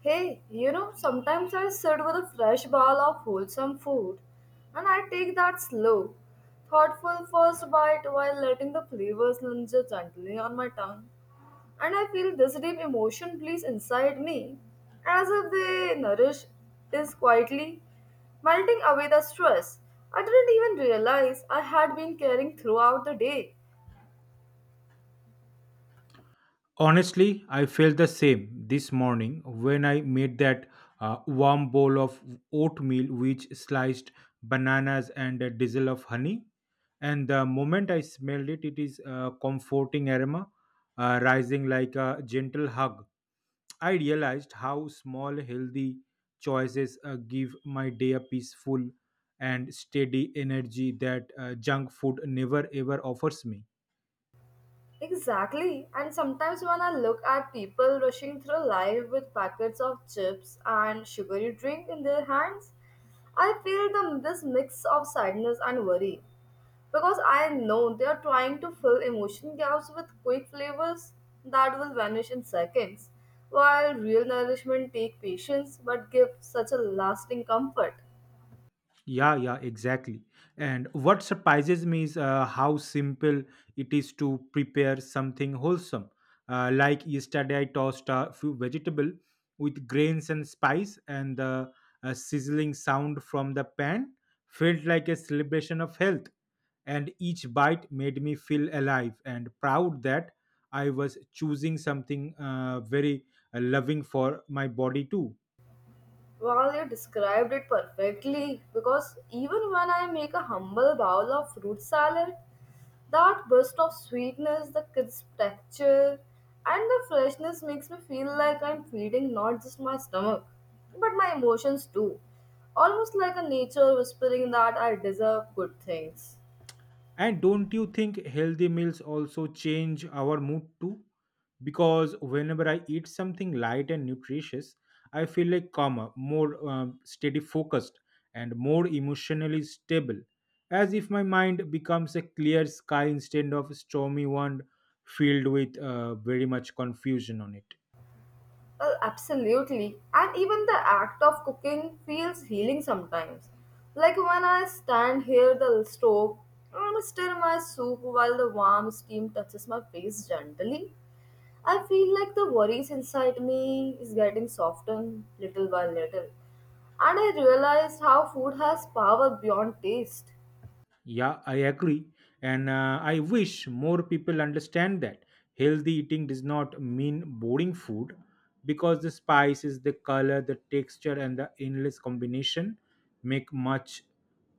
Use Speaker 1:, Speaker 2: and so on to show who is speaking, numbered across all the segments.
Speaker 1: Hey, you know, sometimes I sit with a fresh bowl of wholesome food and I take that slow, thoughtful first bite while letting the flavors linger gently on my tongue. And I feel this deep emotion please inside me as if they nourish is quietly melting away the stress I didn't even realize I had been carrying throughout the day.
Speaker 2: Honestly, I felt the same this morning when I made that warm bowl of oatmeal with sliced bananas and a drizzle of honey. And the moment I smelled it, it is a comforting aroma rising like a gentle hug. I realized how small, healthy choices give my day a peaceful and steady energy that junk food never ever offers me.
Speaker 1: Exactly. And sometimes when I look at people rushing through life with packets of chips and sugary drink in their hands, I feel this mix of sadness and worry. Because I know they are trying to fill emotion gaps with quick flavors that will vanish in seconds, while real nourishment take patience but give such a lasting comfort.
Speaker 2: Yeah, yeah, exactly. And what surprises me is how simple it is to prepare something wholesome. Like yesterday, I tossed a few vegetable with grains and spice, and the sizzling sound from the pan felt like a celebration of health. And each bite made me feel alive and proud that I was choosing something very loving for my body too.
Speaker 1: Well, you described it perfectly because even when I make a humble bowl of fruit salad, that burst of sweetness, the crisp texture, and the freshness makes me feel like I'm feeding not just my stomach, but my emotions too. Almost like a nature whispering that I deserve good things.
Speaker 2: And don't you think healthy meals also change our mood too? Because whenever I eat something light and nutritious, I feel like calmer, more steady focused, and more emotionally stable, as if my mind becomes a clear sky instead of a stormy one filled with very much confusion on it.
Speaker 1: Oh, absolutely. And even the act of cooking feels healing sometimes. Like when I stand here the stove and stir my soup while the warm steam touches my face gently. I feel like the worries inside me is getting softened little by little. And I realized how food has power beyond taste.
Speaker 2: Yeah, I agree. And I wish more people understand that healthy eating does not mean boring food because the spices, the color, the texture, and the endless combination make much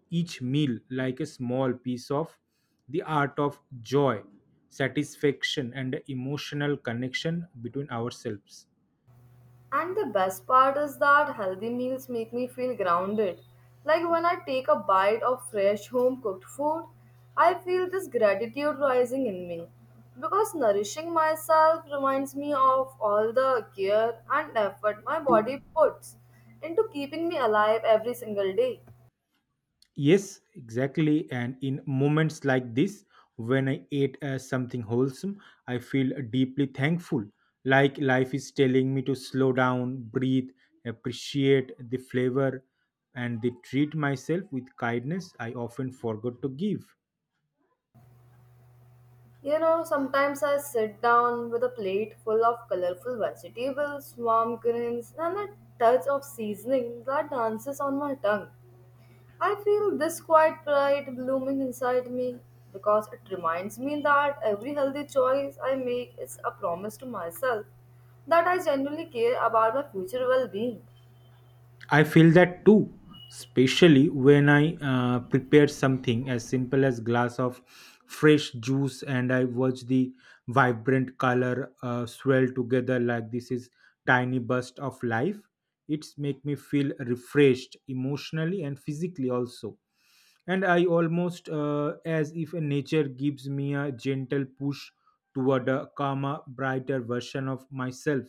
Speaker 2: each meal like a small piece of the art of joy, satisfaction, and emotional connection between ourselves.
Speaker 1: And the best part is that healthy meals make me feel grounded. Like when I take a bite of fresh home cooked food, I feel this gratitude rising in me. Because nourishing myself reminds me of all the care and effort my body puts into keeping me alive every single day.
Speaker 2: Yes, exactly. And in moments like this, when I ate something wholesome, I feel deeply thankful. Like life is telling me to slow down, breathe, appreciate the flavor, and they treat myself with kindness I often forgot to give.
Speaker 1: You know, sometimes I sit down with a plate full of colorful vegetables, warm greens, and a touch of seasoning that dances on my tongue. I feel this quiet pride blooming inside me because it reminds me that every healthy choice I make is a promise to myself that I genuinely care about my future well being.
Speaker 2: I feel that too, especially when I prepare something as simple as glass of fresh juice and I watch the vibrant color swell together like this is tiny burst of life. It's make me feel refreshed emotionally and physically also. And I almost as if nature gives me a gentle push toward a calmer, brighter version of myself.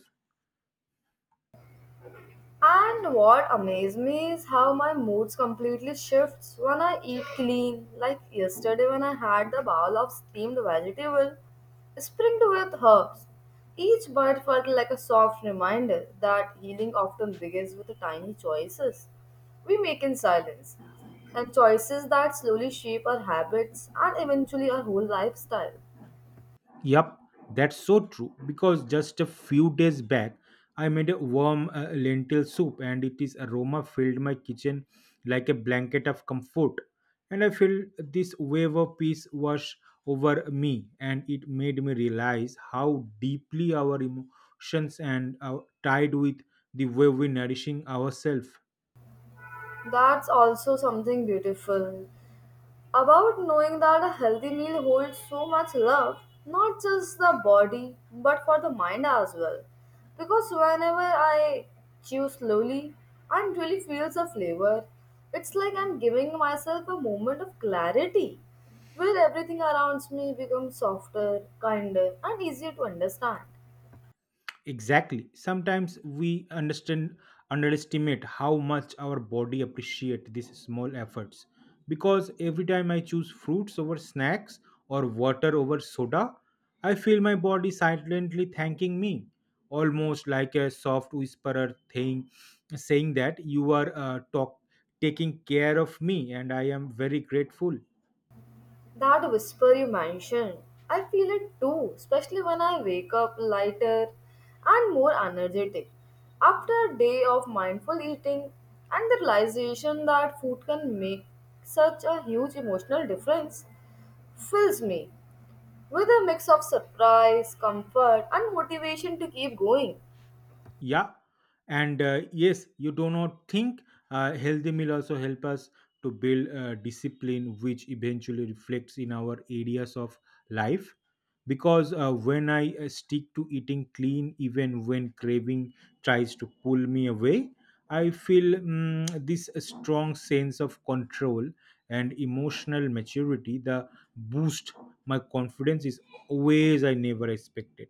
Speaker 1: And what amazed me is how my moods completely shifts when I eat clean. Like yesterday when I had the bowl of steamed vegetable, sprinkled with herbs. Each bite felt like a soft reminder that healing often begins with the tiny choices we make in silence, and choices that slowly shape our habits and eventually our whole lifestyle.
Speaker 2: Yup, that's so true. Because just a few days back, I made a warm lentil soup, and it is aroma filled my kitchen like a blanket of comfort. And I feel this wave of peace wash over me, and it made me realize how deeply our emotions and are tied with the way we nourishing ourselves.
Speaker 1: That's also something beautiful. About knowing that a healthy meal holds so much love, not just the body, but for the mind as well. Because whenever I chew slowly and really feel the flavor, it's like I'm giving myself a moment of clarity where everything around me becomes softer, kinder, and easier to understand.
Speaker 2: Exactly. Sometimes we understand underestimate how much our body appreciate these small efforts. Because every time I choose fruits over snacks or water over soda, I feel my body silently thanking me, almost like a soft whisperer thing saying that you are taking care of me and I am very grateful.
Speaker 1: That whisper you mentioned, I feel it too, especially when I wake up lighter and more energetic. After a day of mindful eating and the realization that food can make such a huge emotional difference, fills me with a mix of surprise, comfort, and motivation to keep going.
Speaker 2: Yeah, and yes, you do not think healthy meal also help us to build discipline, which eventually reflects in our areas of life. Because when I stick to eating clean, even when craving tries to pull me away, I feel this strong sense of control and emotional maturity. The boost my confidence is always I never expected.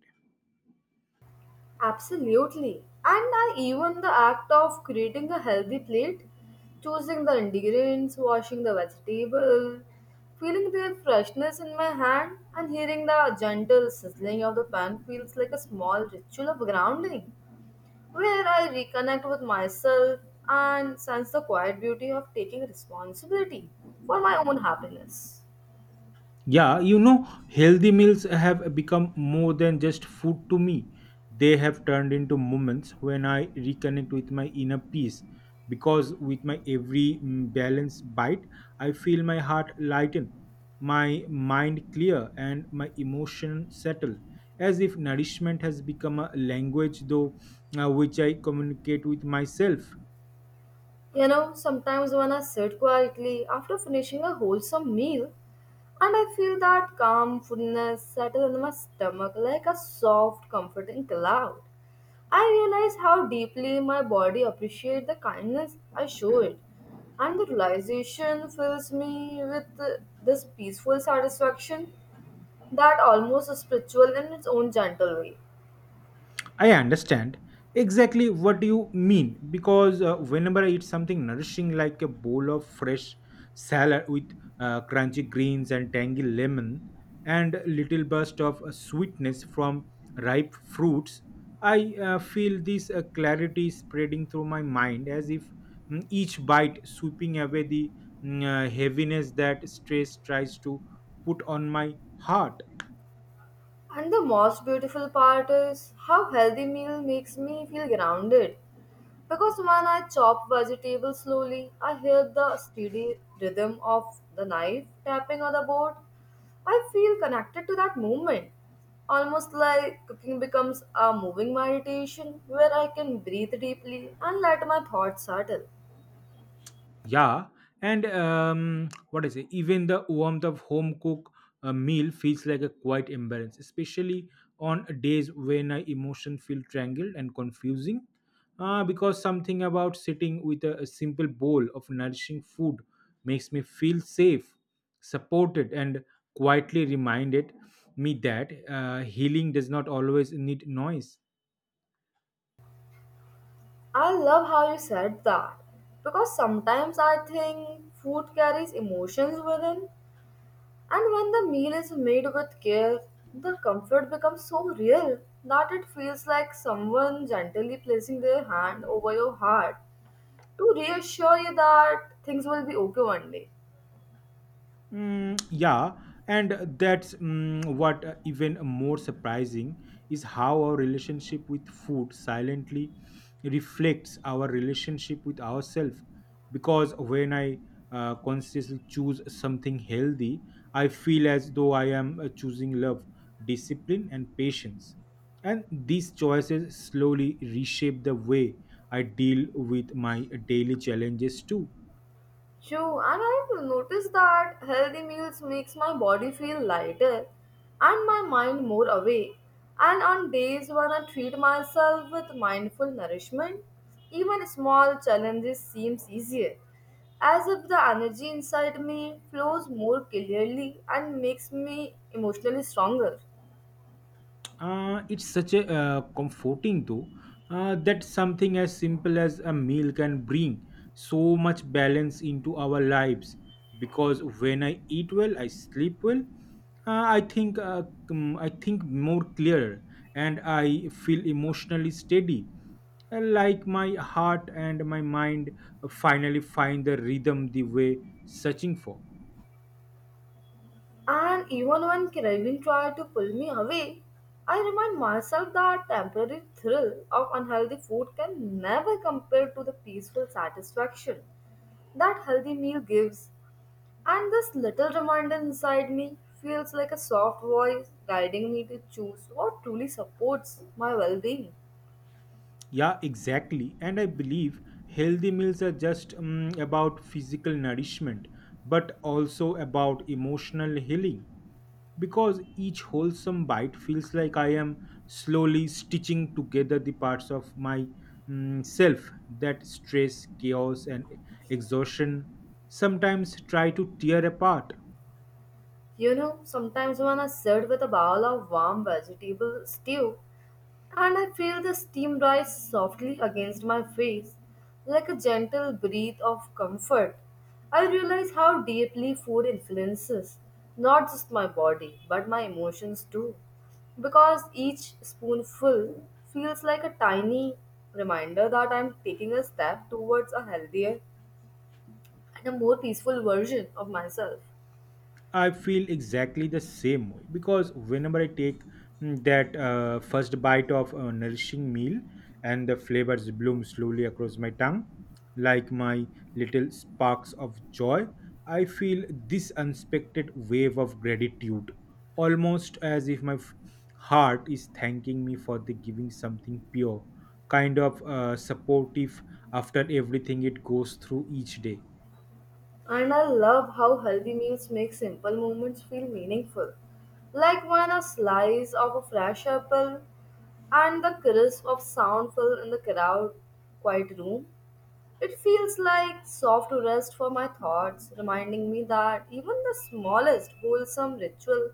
Speaker 1: Absolutely. And I even the act of creating a healthy plate, choosing the ingredients, washing the vegetable, feeling their freshness in my hand, and hearing the gentle sizzling of the pan feels like a small ritual of grounding, where I reconnect with myself and sense the quiet beauty of taking responsibility for my own happiness.
Speaker 2: Yeah, you know, healthy meals have become more than just food to me. They have turned into moments when I reconnect with my inner peace. Because with my every balanced bite, I feel my heart lighten, my mind clear, and my emotion settle. As if nourishment has become a language, though, which I communicate with myself.
Speaker 1: You know, sometimes when I sit quietly after finishing a wholesome meal, and I feel that calm foodness settle in my stomach like a soft, comforting cloud. I realize how deeply my body appreciates the kindness I show it, and the realization fills me with this peaceful satisfaction that almost is spiritual in its own gentle way.
Speaker 2: I understand exactly what you mean because whenever I eat something nourishing like a bowl of fresh salad with crunchy greens and tangy lemon and a little burst of sweetness from ripe fruits, I feel this clarity spreading through my mind as if mm, each bite sweeping away the heaviness that stress tries to put on my heart.
Speaker 1: And the most beautiful part is how healthy meal makes me feel grounded. Because when I chop vegetables slowly, I hear the steady rhythm of the knife tapping on the board. I feel connected to that movement, almost like cooking becomes a moving meditation where I can breathe deeply and let my thoughts settle.
Speaker 2: Yeah, and what I say, even the warmth of home cook meal feels like a quiet imbalance, especially on days when I emotion feel tangled and confusing. Because something about sitting with a simple bowl of nourishing food makes me feel safe, supported, and quietly reminded me that healing does not always need noise.
Speaker 1: I love how you said that because sometimes I think food carries emotions within. And when the meal is made with care, the comfort becomes so real that it feels like someone gently placing their hand over your heart to reassure you that things will be okay one day.
Speaker 2: Yeah, and that's what even more surprising is how our relationship with food silently reflects our relationship with ourselves. Because when I consciously choose something healthy, I feel as though I am choosing love, discipline, and patience. And these choices slowly reshape the way I deal with my daily challenges too.
Speaker 1: True, and I've noticed that healthy meals makes my body feel lighter and my mind more awake. And on days when I treat myself with mindful nourishment, even small challenges seems easier, as if the energy inside me flows more clearly and makes me emotionally stronger.
Speaker 2: It's such a comforting though that something as simple as a meal can bring so much balance into our lives because when I eat well I sleep well uh, i think uh, I think more clearer and I feel emotionally steady like my heart and my mind finally find the rhythm the way searching for.
Speaker 1: And even when Craven tried to pull me away, I remind myself that temporary thrill of unhealthy food can never compare to the peaceful satisfaction that healthy meal gives. And this little reminder inside me feels like a soft voice guiding me to choose what truly supports my well being.
Speaker 2: Yeah, exactly. And I believe healthy meals are just about physical nourishment, but also about emotional healing. Because each wholesome bite feels like I am slowly stitching together the parts of my self that stress, chaos, and exhaustion sometimes try to tear apart.
Speaker 1: You know, sometimes when I sit with a bowl of warm vegetable stew, and I feel the steam rise softly against my face, like a gentle breath of comfort. I realize how deeply food influences not just my body but my emotions too, because each spoonful feels like a tiny reminder that I'm taking a step towards a healthier and a more peaceful version of myself.
Speaker 2: I feel exactly the same way because whenever I take mm, that first bite of a nourishing meal and the flavors bloom slowly across my tongue, like my little sparks of joy, I feel this unexpected wave of gratitude, almost as if my heart is thanking me for the giving something pure, kind of supportive after everything it goes through each day.
Speaker 1: And I love how healthy meals make simple moments feel meaningful. Like when a slice of a fresh apple and the crisp of sound fill in the crowd, quiet room. It feels like soft rest for my thoughts, reminding me that even the smallest wholesome ritual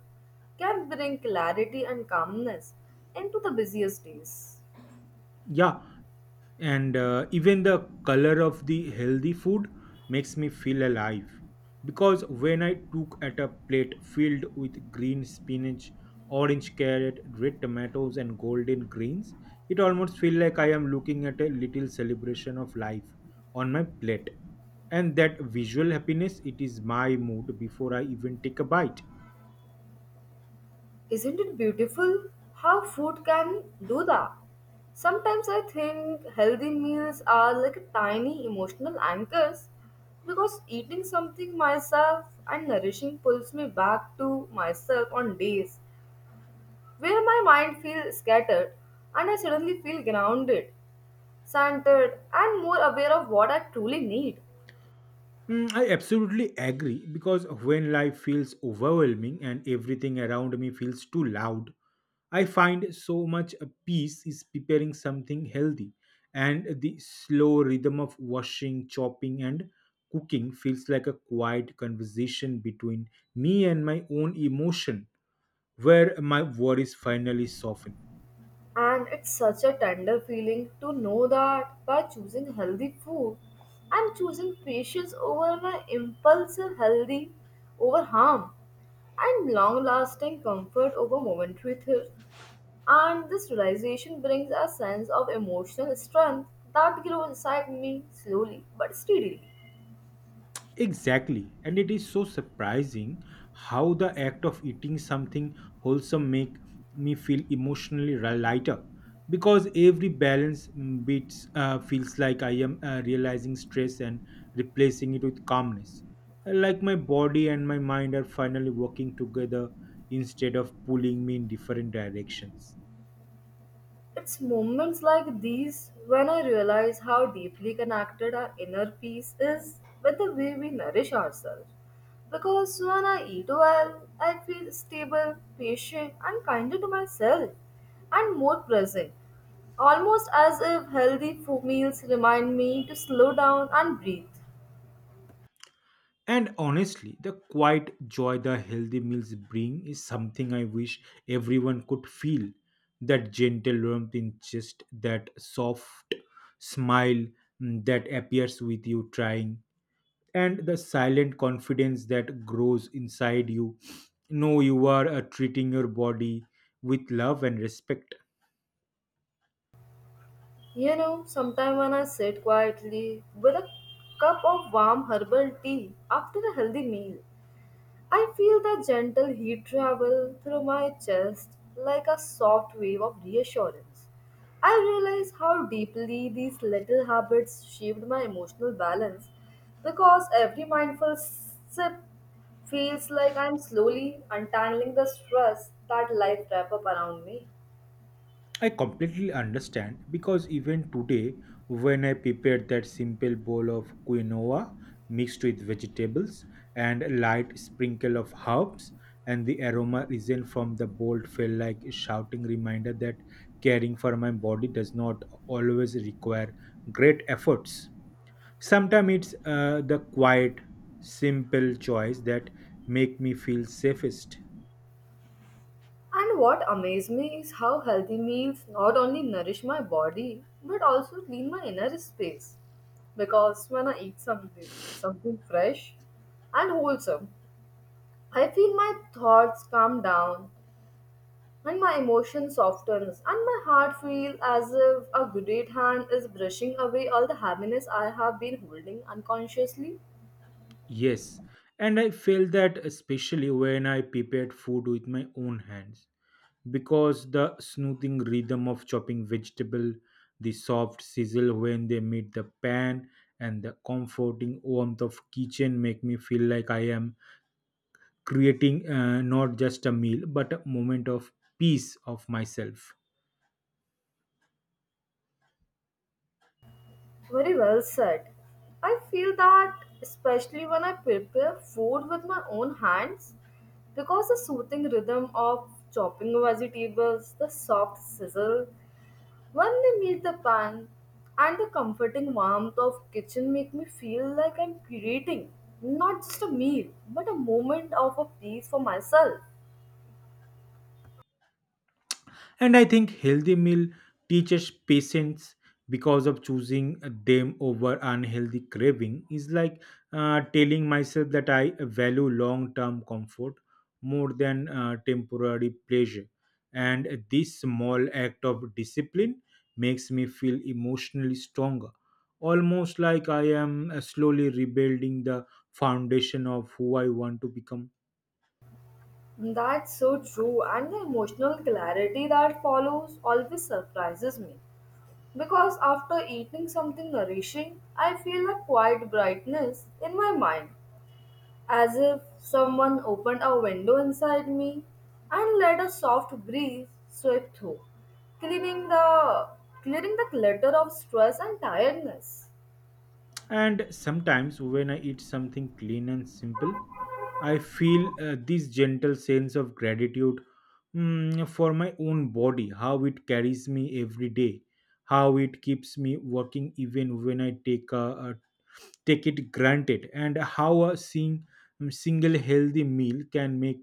Speaker 1: can bring clarity and calmness into the busiest days.
Speaker 2: Yeah, and even the color of the healthy food makes me feel alive because when I took at a plate filled with green spinach orange carrot red tomatoes and golden greens it almost feel like I am looking at a little celebration of life on my plate and that visual happiness it is my mood before I even take a bite.
Speaker 1: Isn't it beautiful how food can do that? Sometimes I think healthy meals are like tiny emotional anchors because eating something myself and nourishing pulls me back to myself on days where my mind feels scattered and I suddenly feel grounded, centered, and more aware of what I truly need.
Speaker 2: I absolutely agree because when life feels overwhelming and everything around me feels too loud, I find so much a peace is preparing something healthy. And the slow rhythm of washing, chopping, and cooking feels like a quiet conversation between me and my own emotion, where my worries finally soften.
Speaker 1: And it's such a tender feeling to know that by choosing healthy food, I'm choosing patience over my impulsive healthy over harm and long lasting comfort over momentary thrill. And this realization brings a sense of emotional strength that grows inside me slowly but steadily.
Speaker 2: Exactly. And it is so surprising how the act of eating something wholesome make me feel emotionally lighter because every balance mm, beats feels like I am realizing stress and replacing it with calmness. Like my body and my mind are finally working together instead of pulling me in different directions.
Speaker 1: It's moments like these when I realize how deeply connected our inner peace is with the way we nourish ourselves. Because when I eat well, I feel stable, patient, and kinder to myself, and more present. Almost as if healthy food meals remind me to slow down and breathe.
Speaker 2: And honestly, the quiet joy the healthy meals bring is something I wish everyone could feel. That gentle warmth in chest, that soft smile that appears with you trying, and the silent confidence that grows inside you. Know you are treating your body with love and respect.
Speaker 1: You know, sometime when I sit quietly with a cup of warm herbal tea after a healthy meal, I feel the gentle heat travel through my chest like a soft wave of reassurance. I realize how deeply these little habits shaped my emotional balance because every mindful sip feels like I'm slowly untangling the stress that life wraps up around me.
Speaker 2: I completely understand because even today, when I prepared that simple bowl of quinoa mixed with vegetables and a light sprinkle of herbs, and the aroma risen from the bowl felt like a shouting reminder that caring for my body does not always require great efforts. Sometimes it's the quiet, simple choice that make me feel safest.
Speaker 1: And what amazed me is how healthy meals not only nourish my body but also clean my inner space. Because when I eat something fresh and wholesome, I feel my thoughts calm down and my emotion softens and my heart feels as if a good hand is brushing away all the happiness I have been holding unconsciously.
Speaker 2: Yes, and I felt that especially when I prepared food with my own hands because the smoothing rhythm of chopping vegetable, the soft sizzle when they meet the pan, and the comforting warmth of kitchen make me feel like I am creating not just a meal but a moment of peace of myself.
Speaker 1: Very well said. I feel that especially when I prepare food with my own hands because the soothing rhythm of chopping vegetables, the soft sizzle when they meet the pan, and the comforting warmth of kitchen make me feel like I'm creating not just a meal but a moment of a peace for myself.
Speaker 2: And I think healthy meal teaches patience because of choosing them over unhealthy craving is like telling myself that I value long-term comfort more than temporary pleasure. And this small act of discipline makes me feel emotionally stronger, almost like I am slowly rebuilding the foundation of who I want to become.
Speaker 1: That's so true, and the emotional clarity that follows always surprises me. Because after eating something nourishing, I feel a quiet brightness in my mind, as if someone opened a window inside me and let a soft breeze sweep through, cleaning the clearing the clutter of stress and tiredness.
Speaker 2: And sometimes when I eat something clean and simple, I feel this gentle sense of gratitude for my own body, how it carries me every day, how it keeps me working even when I take a take it granted, and how a single healthy meal can make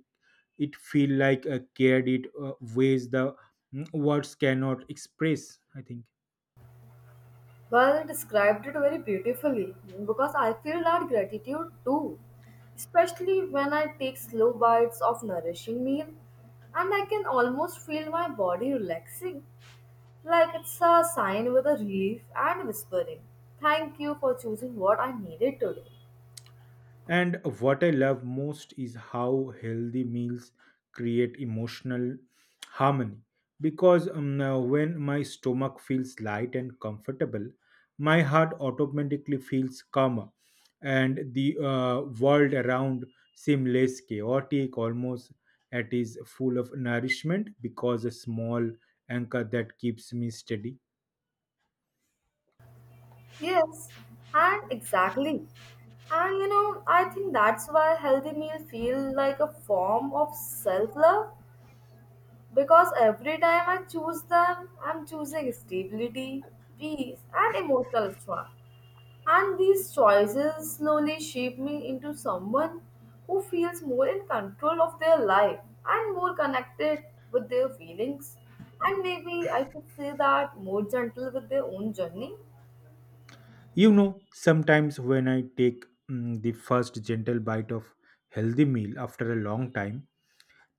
Speaker 2: it feel like a cared it ways the words cannot express. I think.
Speaker 1: Well, you described it very beautifully because I feel that gratitude too, especially when I take slow bites of nourishing meal and I can almost feel my body relaxing, like it's a sign with a relief and whispering, thank you for choosing what I needed today.
Speaker 2: And what I love most is how healthy meals create emotional harmony. Because when my stomach feels light and comfortable, my heart automatically feels calmer, and the world around seems less chaotic, almost it is full of nourishment because a small anchor that keeps me steady.
Speaker 1: Yes, and exactly. And you know, I think that's why healthy meal feel like a form of self-love. Because every time I choose them, I'm choosing stability, peace, and emotional strength. And these choices slowly shape me into someone who feels more in control of their life and more connected with their feelings. And maybe I should say that more gentle with their own journey.
Speaker 2: You know, sometimes when I take the first gentle bite of healthy meal after a long time,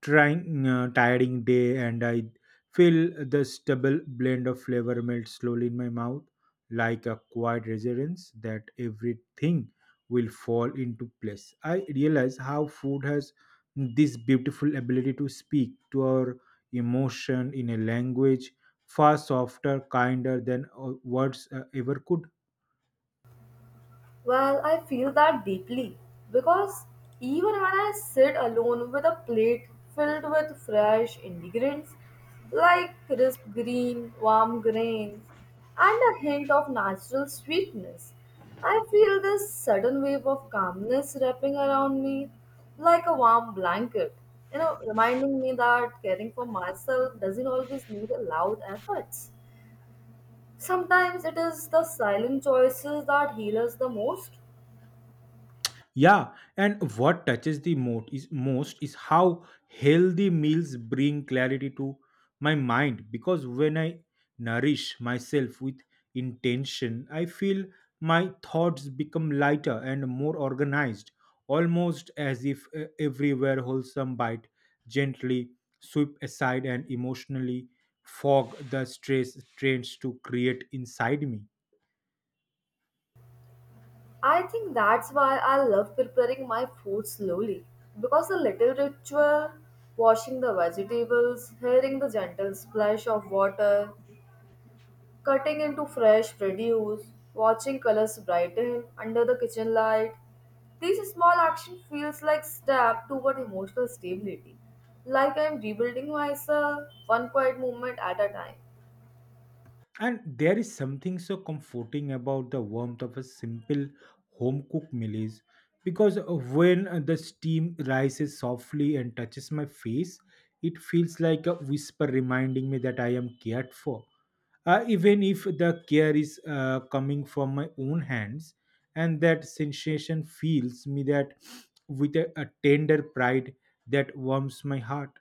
Speaker 2: trying tiring day, and I feel the stubble blend of flavor melt slowly in my mouth, like a quiet reassurance that everything will fall into place. I realize how food has this beautiful ability to speak to our emotion in a language far softer, kinder than words ever could.
Speaker 1: Well, I feel that deeply because even when I sit alone with a plate filled with fresh ingredients like crisp green, warm grains, and a hint of natural sweetness, I feel this sudden wave of calmness wrapping around me like a warm blanket, you know, reminding me that caring for myself doesn't always need a loud efforts. Sometimes it is the silent choices that heal us the most.
Speaker 2: Yeah, and what touches the most is how healthy meals bring clarity to my mind because when I nourish myself with intention, I feel my thoughts become lighter and more organized, almost as if everywhere wholesome bite gently sweep aside and emotionally fog the stress strains to create inside me.
Speaker 1: I think that's why I love preparing my food slowly because the little ritual, washing the vegetables, hearing the gentle splash of water, cutting into fresh produce, watching colors brighten under the kitchen light, these small action feels like step toward emotional stability, like I'm rebuilding myself one quiet moment at a time.
Speaker 2: And there is something so comforting about the warmth of a simple home cooked meal is because when the steam rises softly and touches my face it feels like a whisper reminding me that I am cared for even if the care is coming from my own hands and that sensation fills me that with a tender pride that warms my heart.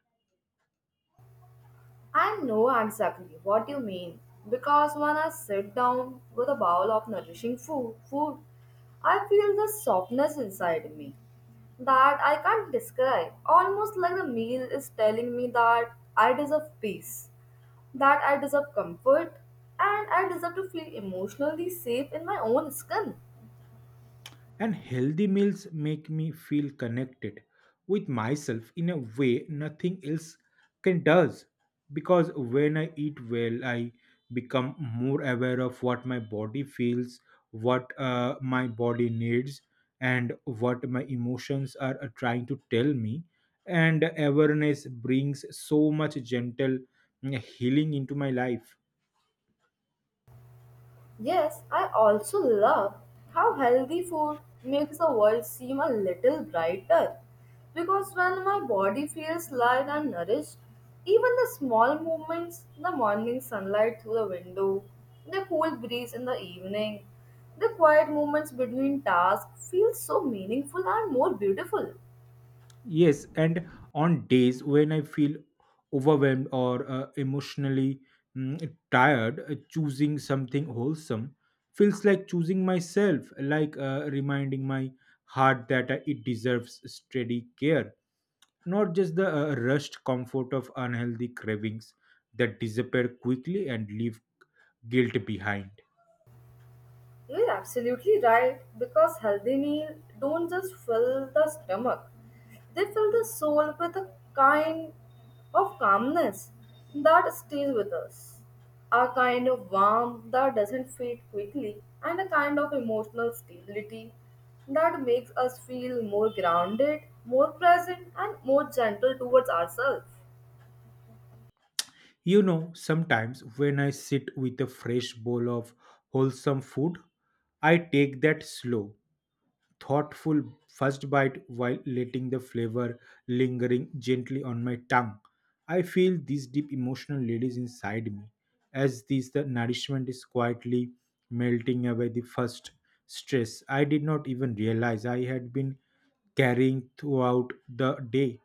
Speaker 1: I know exactly what you mean because when I sit down with a bowl of nourishing food, I feel the softness inside me that I can't describe. Almost like the meal is telling me that I deserve peace, that I deserve comfort, and I deserve to feel emotionally safe in my own skin.
Speaker 2: And healthy meals make me feel connected with myself in a way nothing else can does because when I eat well I become more aware of what my body feels, what my body needs and what my emotions are trying to tell me and awareness brings so much gentle healing into my life.
Speaker 1: Yes, I also love how healthy food makes the world seem a little brighter. Because when my body feels light and nourished, even the small movements, the morning sunlight through the window, the cool breeze in the evening, the quiet moments between tasks feel so meaningful and more beautiful.
Speaker 2: Yes, and on days when I feel overwhelmed or emotionally tired, choosing something wholesome feels like choosing myself, like reminding my heart that it deserves steady care, not just the rushed comfort of unhealthy cravings that disappear quickly and leave guilt behind.
Speaker 1: You're absolutely right because healthy meals don't just fill the stomach, they fill the soul with a kind of calmness that stays with us. A kind of warmth that doesn't fade quickly, and a kind of emotional stability that makes us feel more grounded, more present, and more gentle towards ourselves.
Speaker 2: You know, sometimes when I sit with a fresh bowl of wholesome food, I take that slow, thoughtful first bite while letting the flavor lingering gently on my tongue. I feel these deep emotional ladies inside me, as this the nourishment is quietly melting away the first stress I did not even realize I had been carrying throughout the day.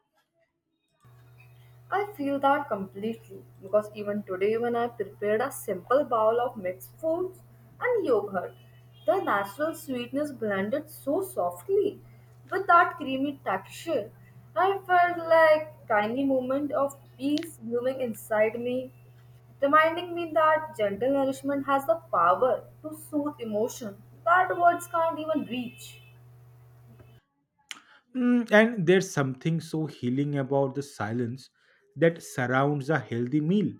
Speaker 1: I feel that completely because even today, when I prepared a simple bowl of mixed fruits and yogurt, the natural sweetness blended so softly with that creamy texture. I felt like tiny moment of peace blooming inside me, reminding me that gentle nourishment has the power to soothe emotion that words can't even reach.
Speaker 2: And there's something so healing about the silence that surrounds a healthy meal.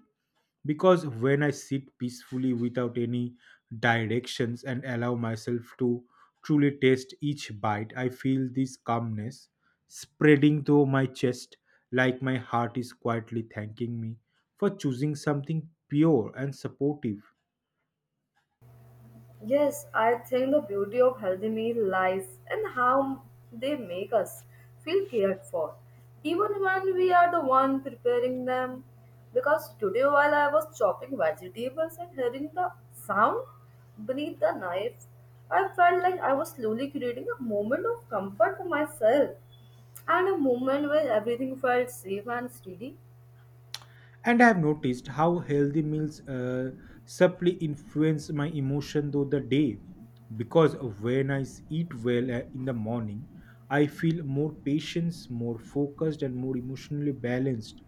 Speaker 2: Because when I sit peacefully without any directions and allow myself to truly taste each bite, I feel this calmness spreading through my chest like my heart is quietly thanking me for choosing something pure and supportive.
Speaker 1: Yes, I think the beauty of healthy meal lies in how they make us feel cared for, even when we are the one preparing them. Because today, while I was chopping vegetables and hearing the sound beneath the knife, I felt like I was slowly creating a moment of comfort for myself and a moment where everything felt safe and steady.
Speaker 2: And I have noticed how healthy meals subtly influence my emotion through the day because when I eat well in the morning I feel more patience more focused and more emotionally balanced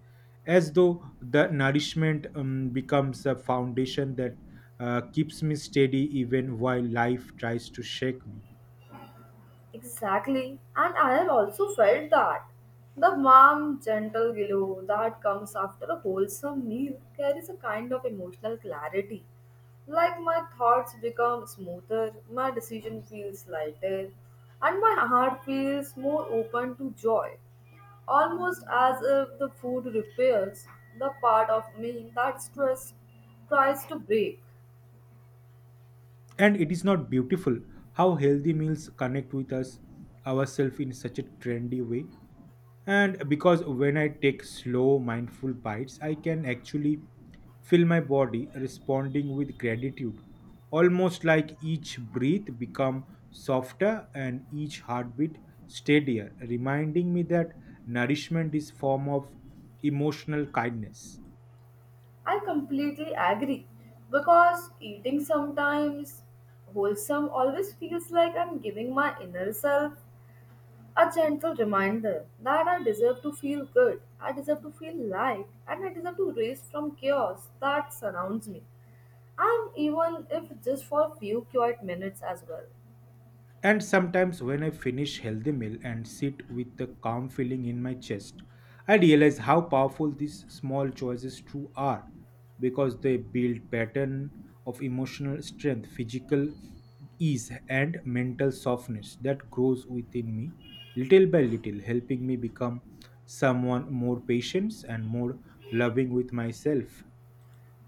Speaker 2: as though the nourishment becomes a foundation that keeps me steady even while life tries to shake me.
Speaker 1: Exactly. And I have also felt that. The warm, gentle glow that comes after a wholesome meal carries a kind of emotional clarity. Like my thoughts become smoother, my decision feels lighter, and my heart feels more open to joy. Almost as if the food repairs the part of me that stress tries to break.
Speaker 2: And it is not beautiful how healthy meals connect with us ourselves in such a trendy way and because when I take slow mindful bites I can actually feel my body responding with gratitude almost like each breath become softer and each heartbeat steadier reminding me that nourishment is form of emotional kindness.
Speaker 1: I completely agree because eating sometimes wholesome always feels like I'm giving my inner self a gentle reminder that I deserve to feel good, I deserve to feel light, and I deserve to raise from chaos that surrounds me. And even if just for a few quiet minutes as well.
Speaker 2: And sometimes when I finish healthy meal and sit with the calm feeling in my chest, I realize how powerful these small choices true are because they build pattern of emotional strength, physical ease and mental softness that grows within me little by little helping me become someone more patient and more loving with myself.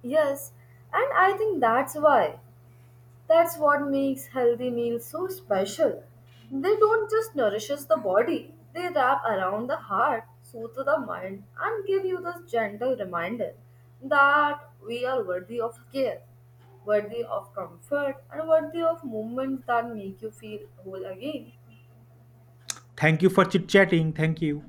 Speaker 1: Yes, and I think that's what makes healthy meals so special. They don't just nourishes the body, they wrap around the heart, soothe the mind, and give you this gentle reminder that we are worthy of care, worthy of comfort, and worthy of moments that make you feel whole again.
Speaker 2: Thank you for chit chatting. Thank you.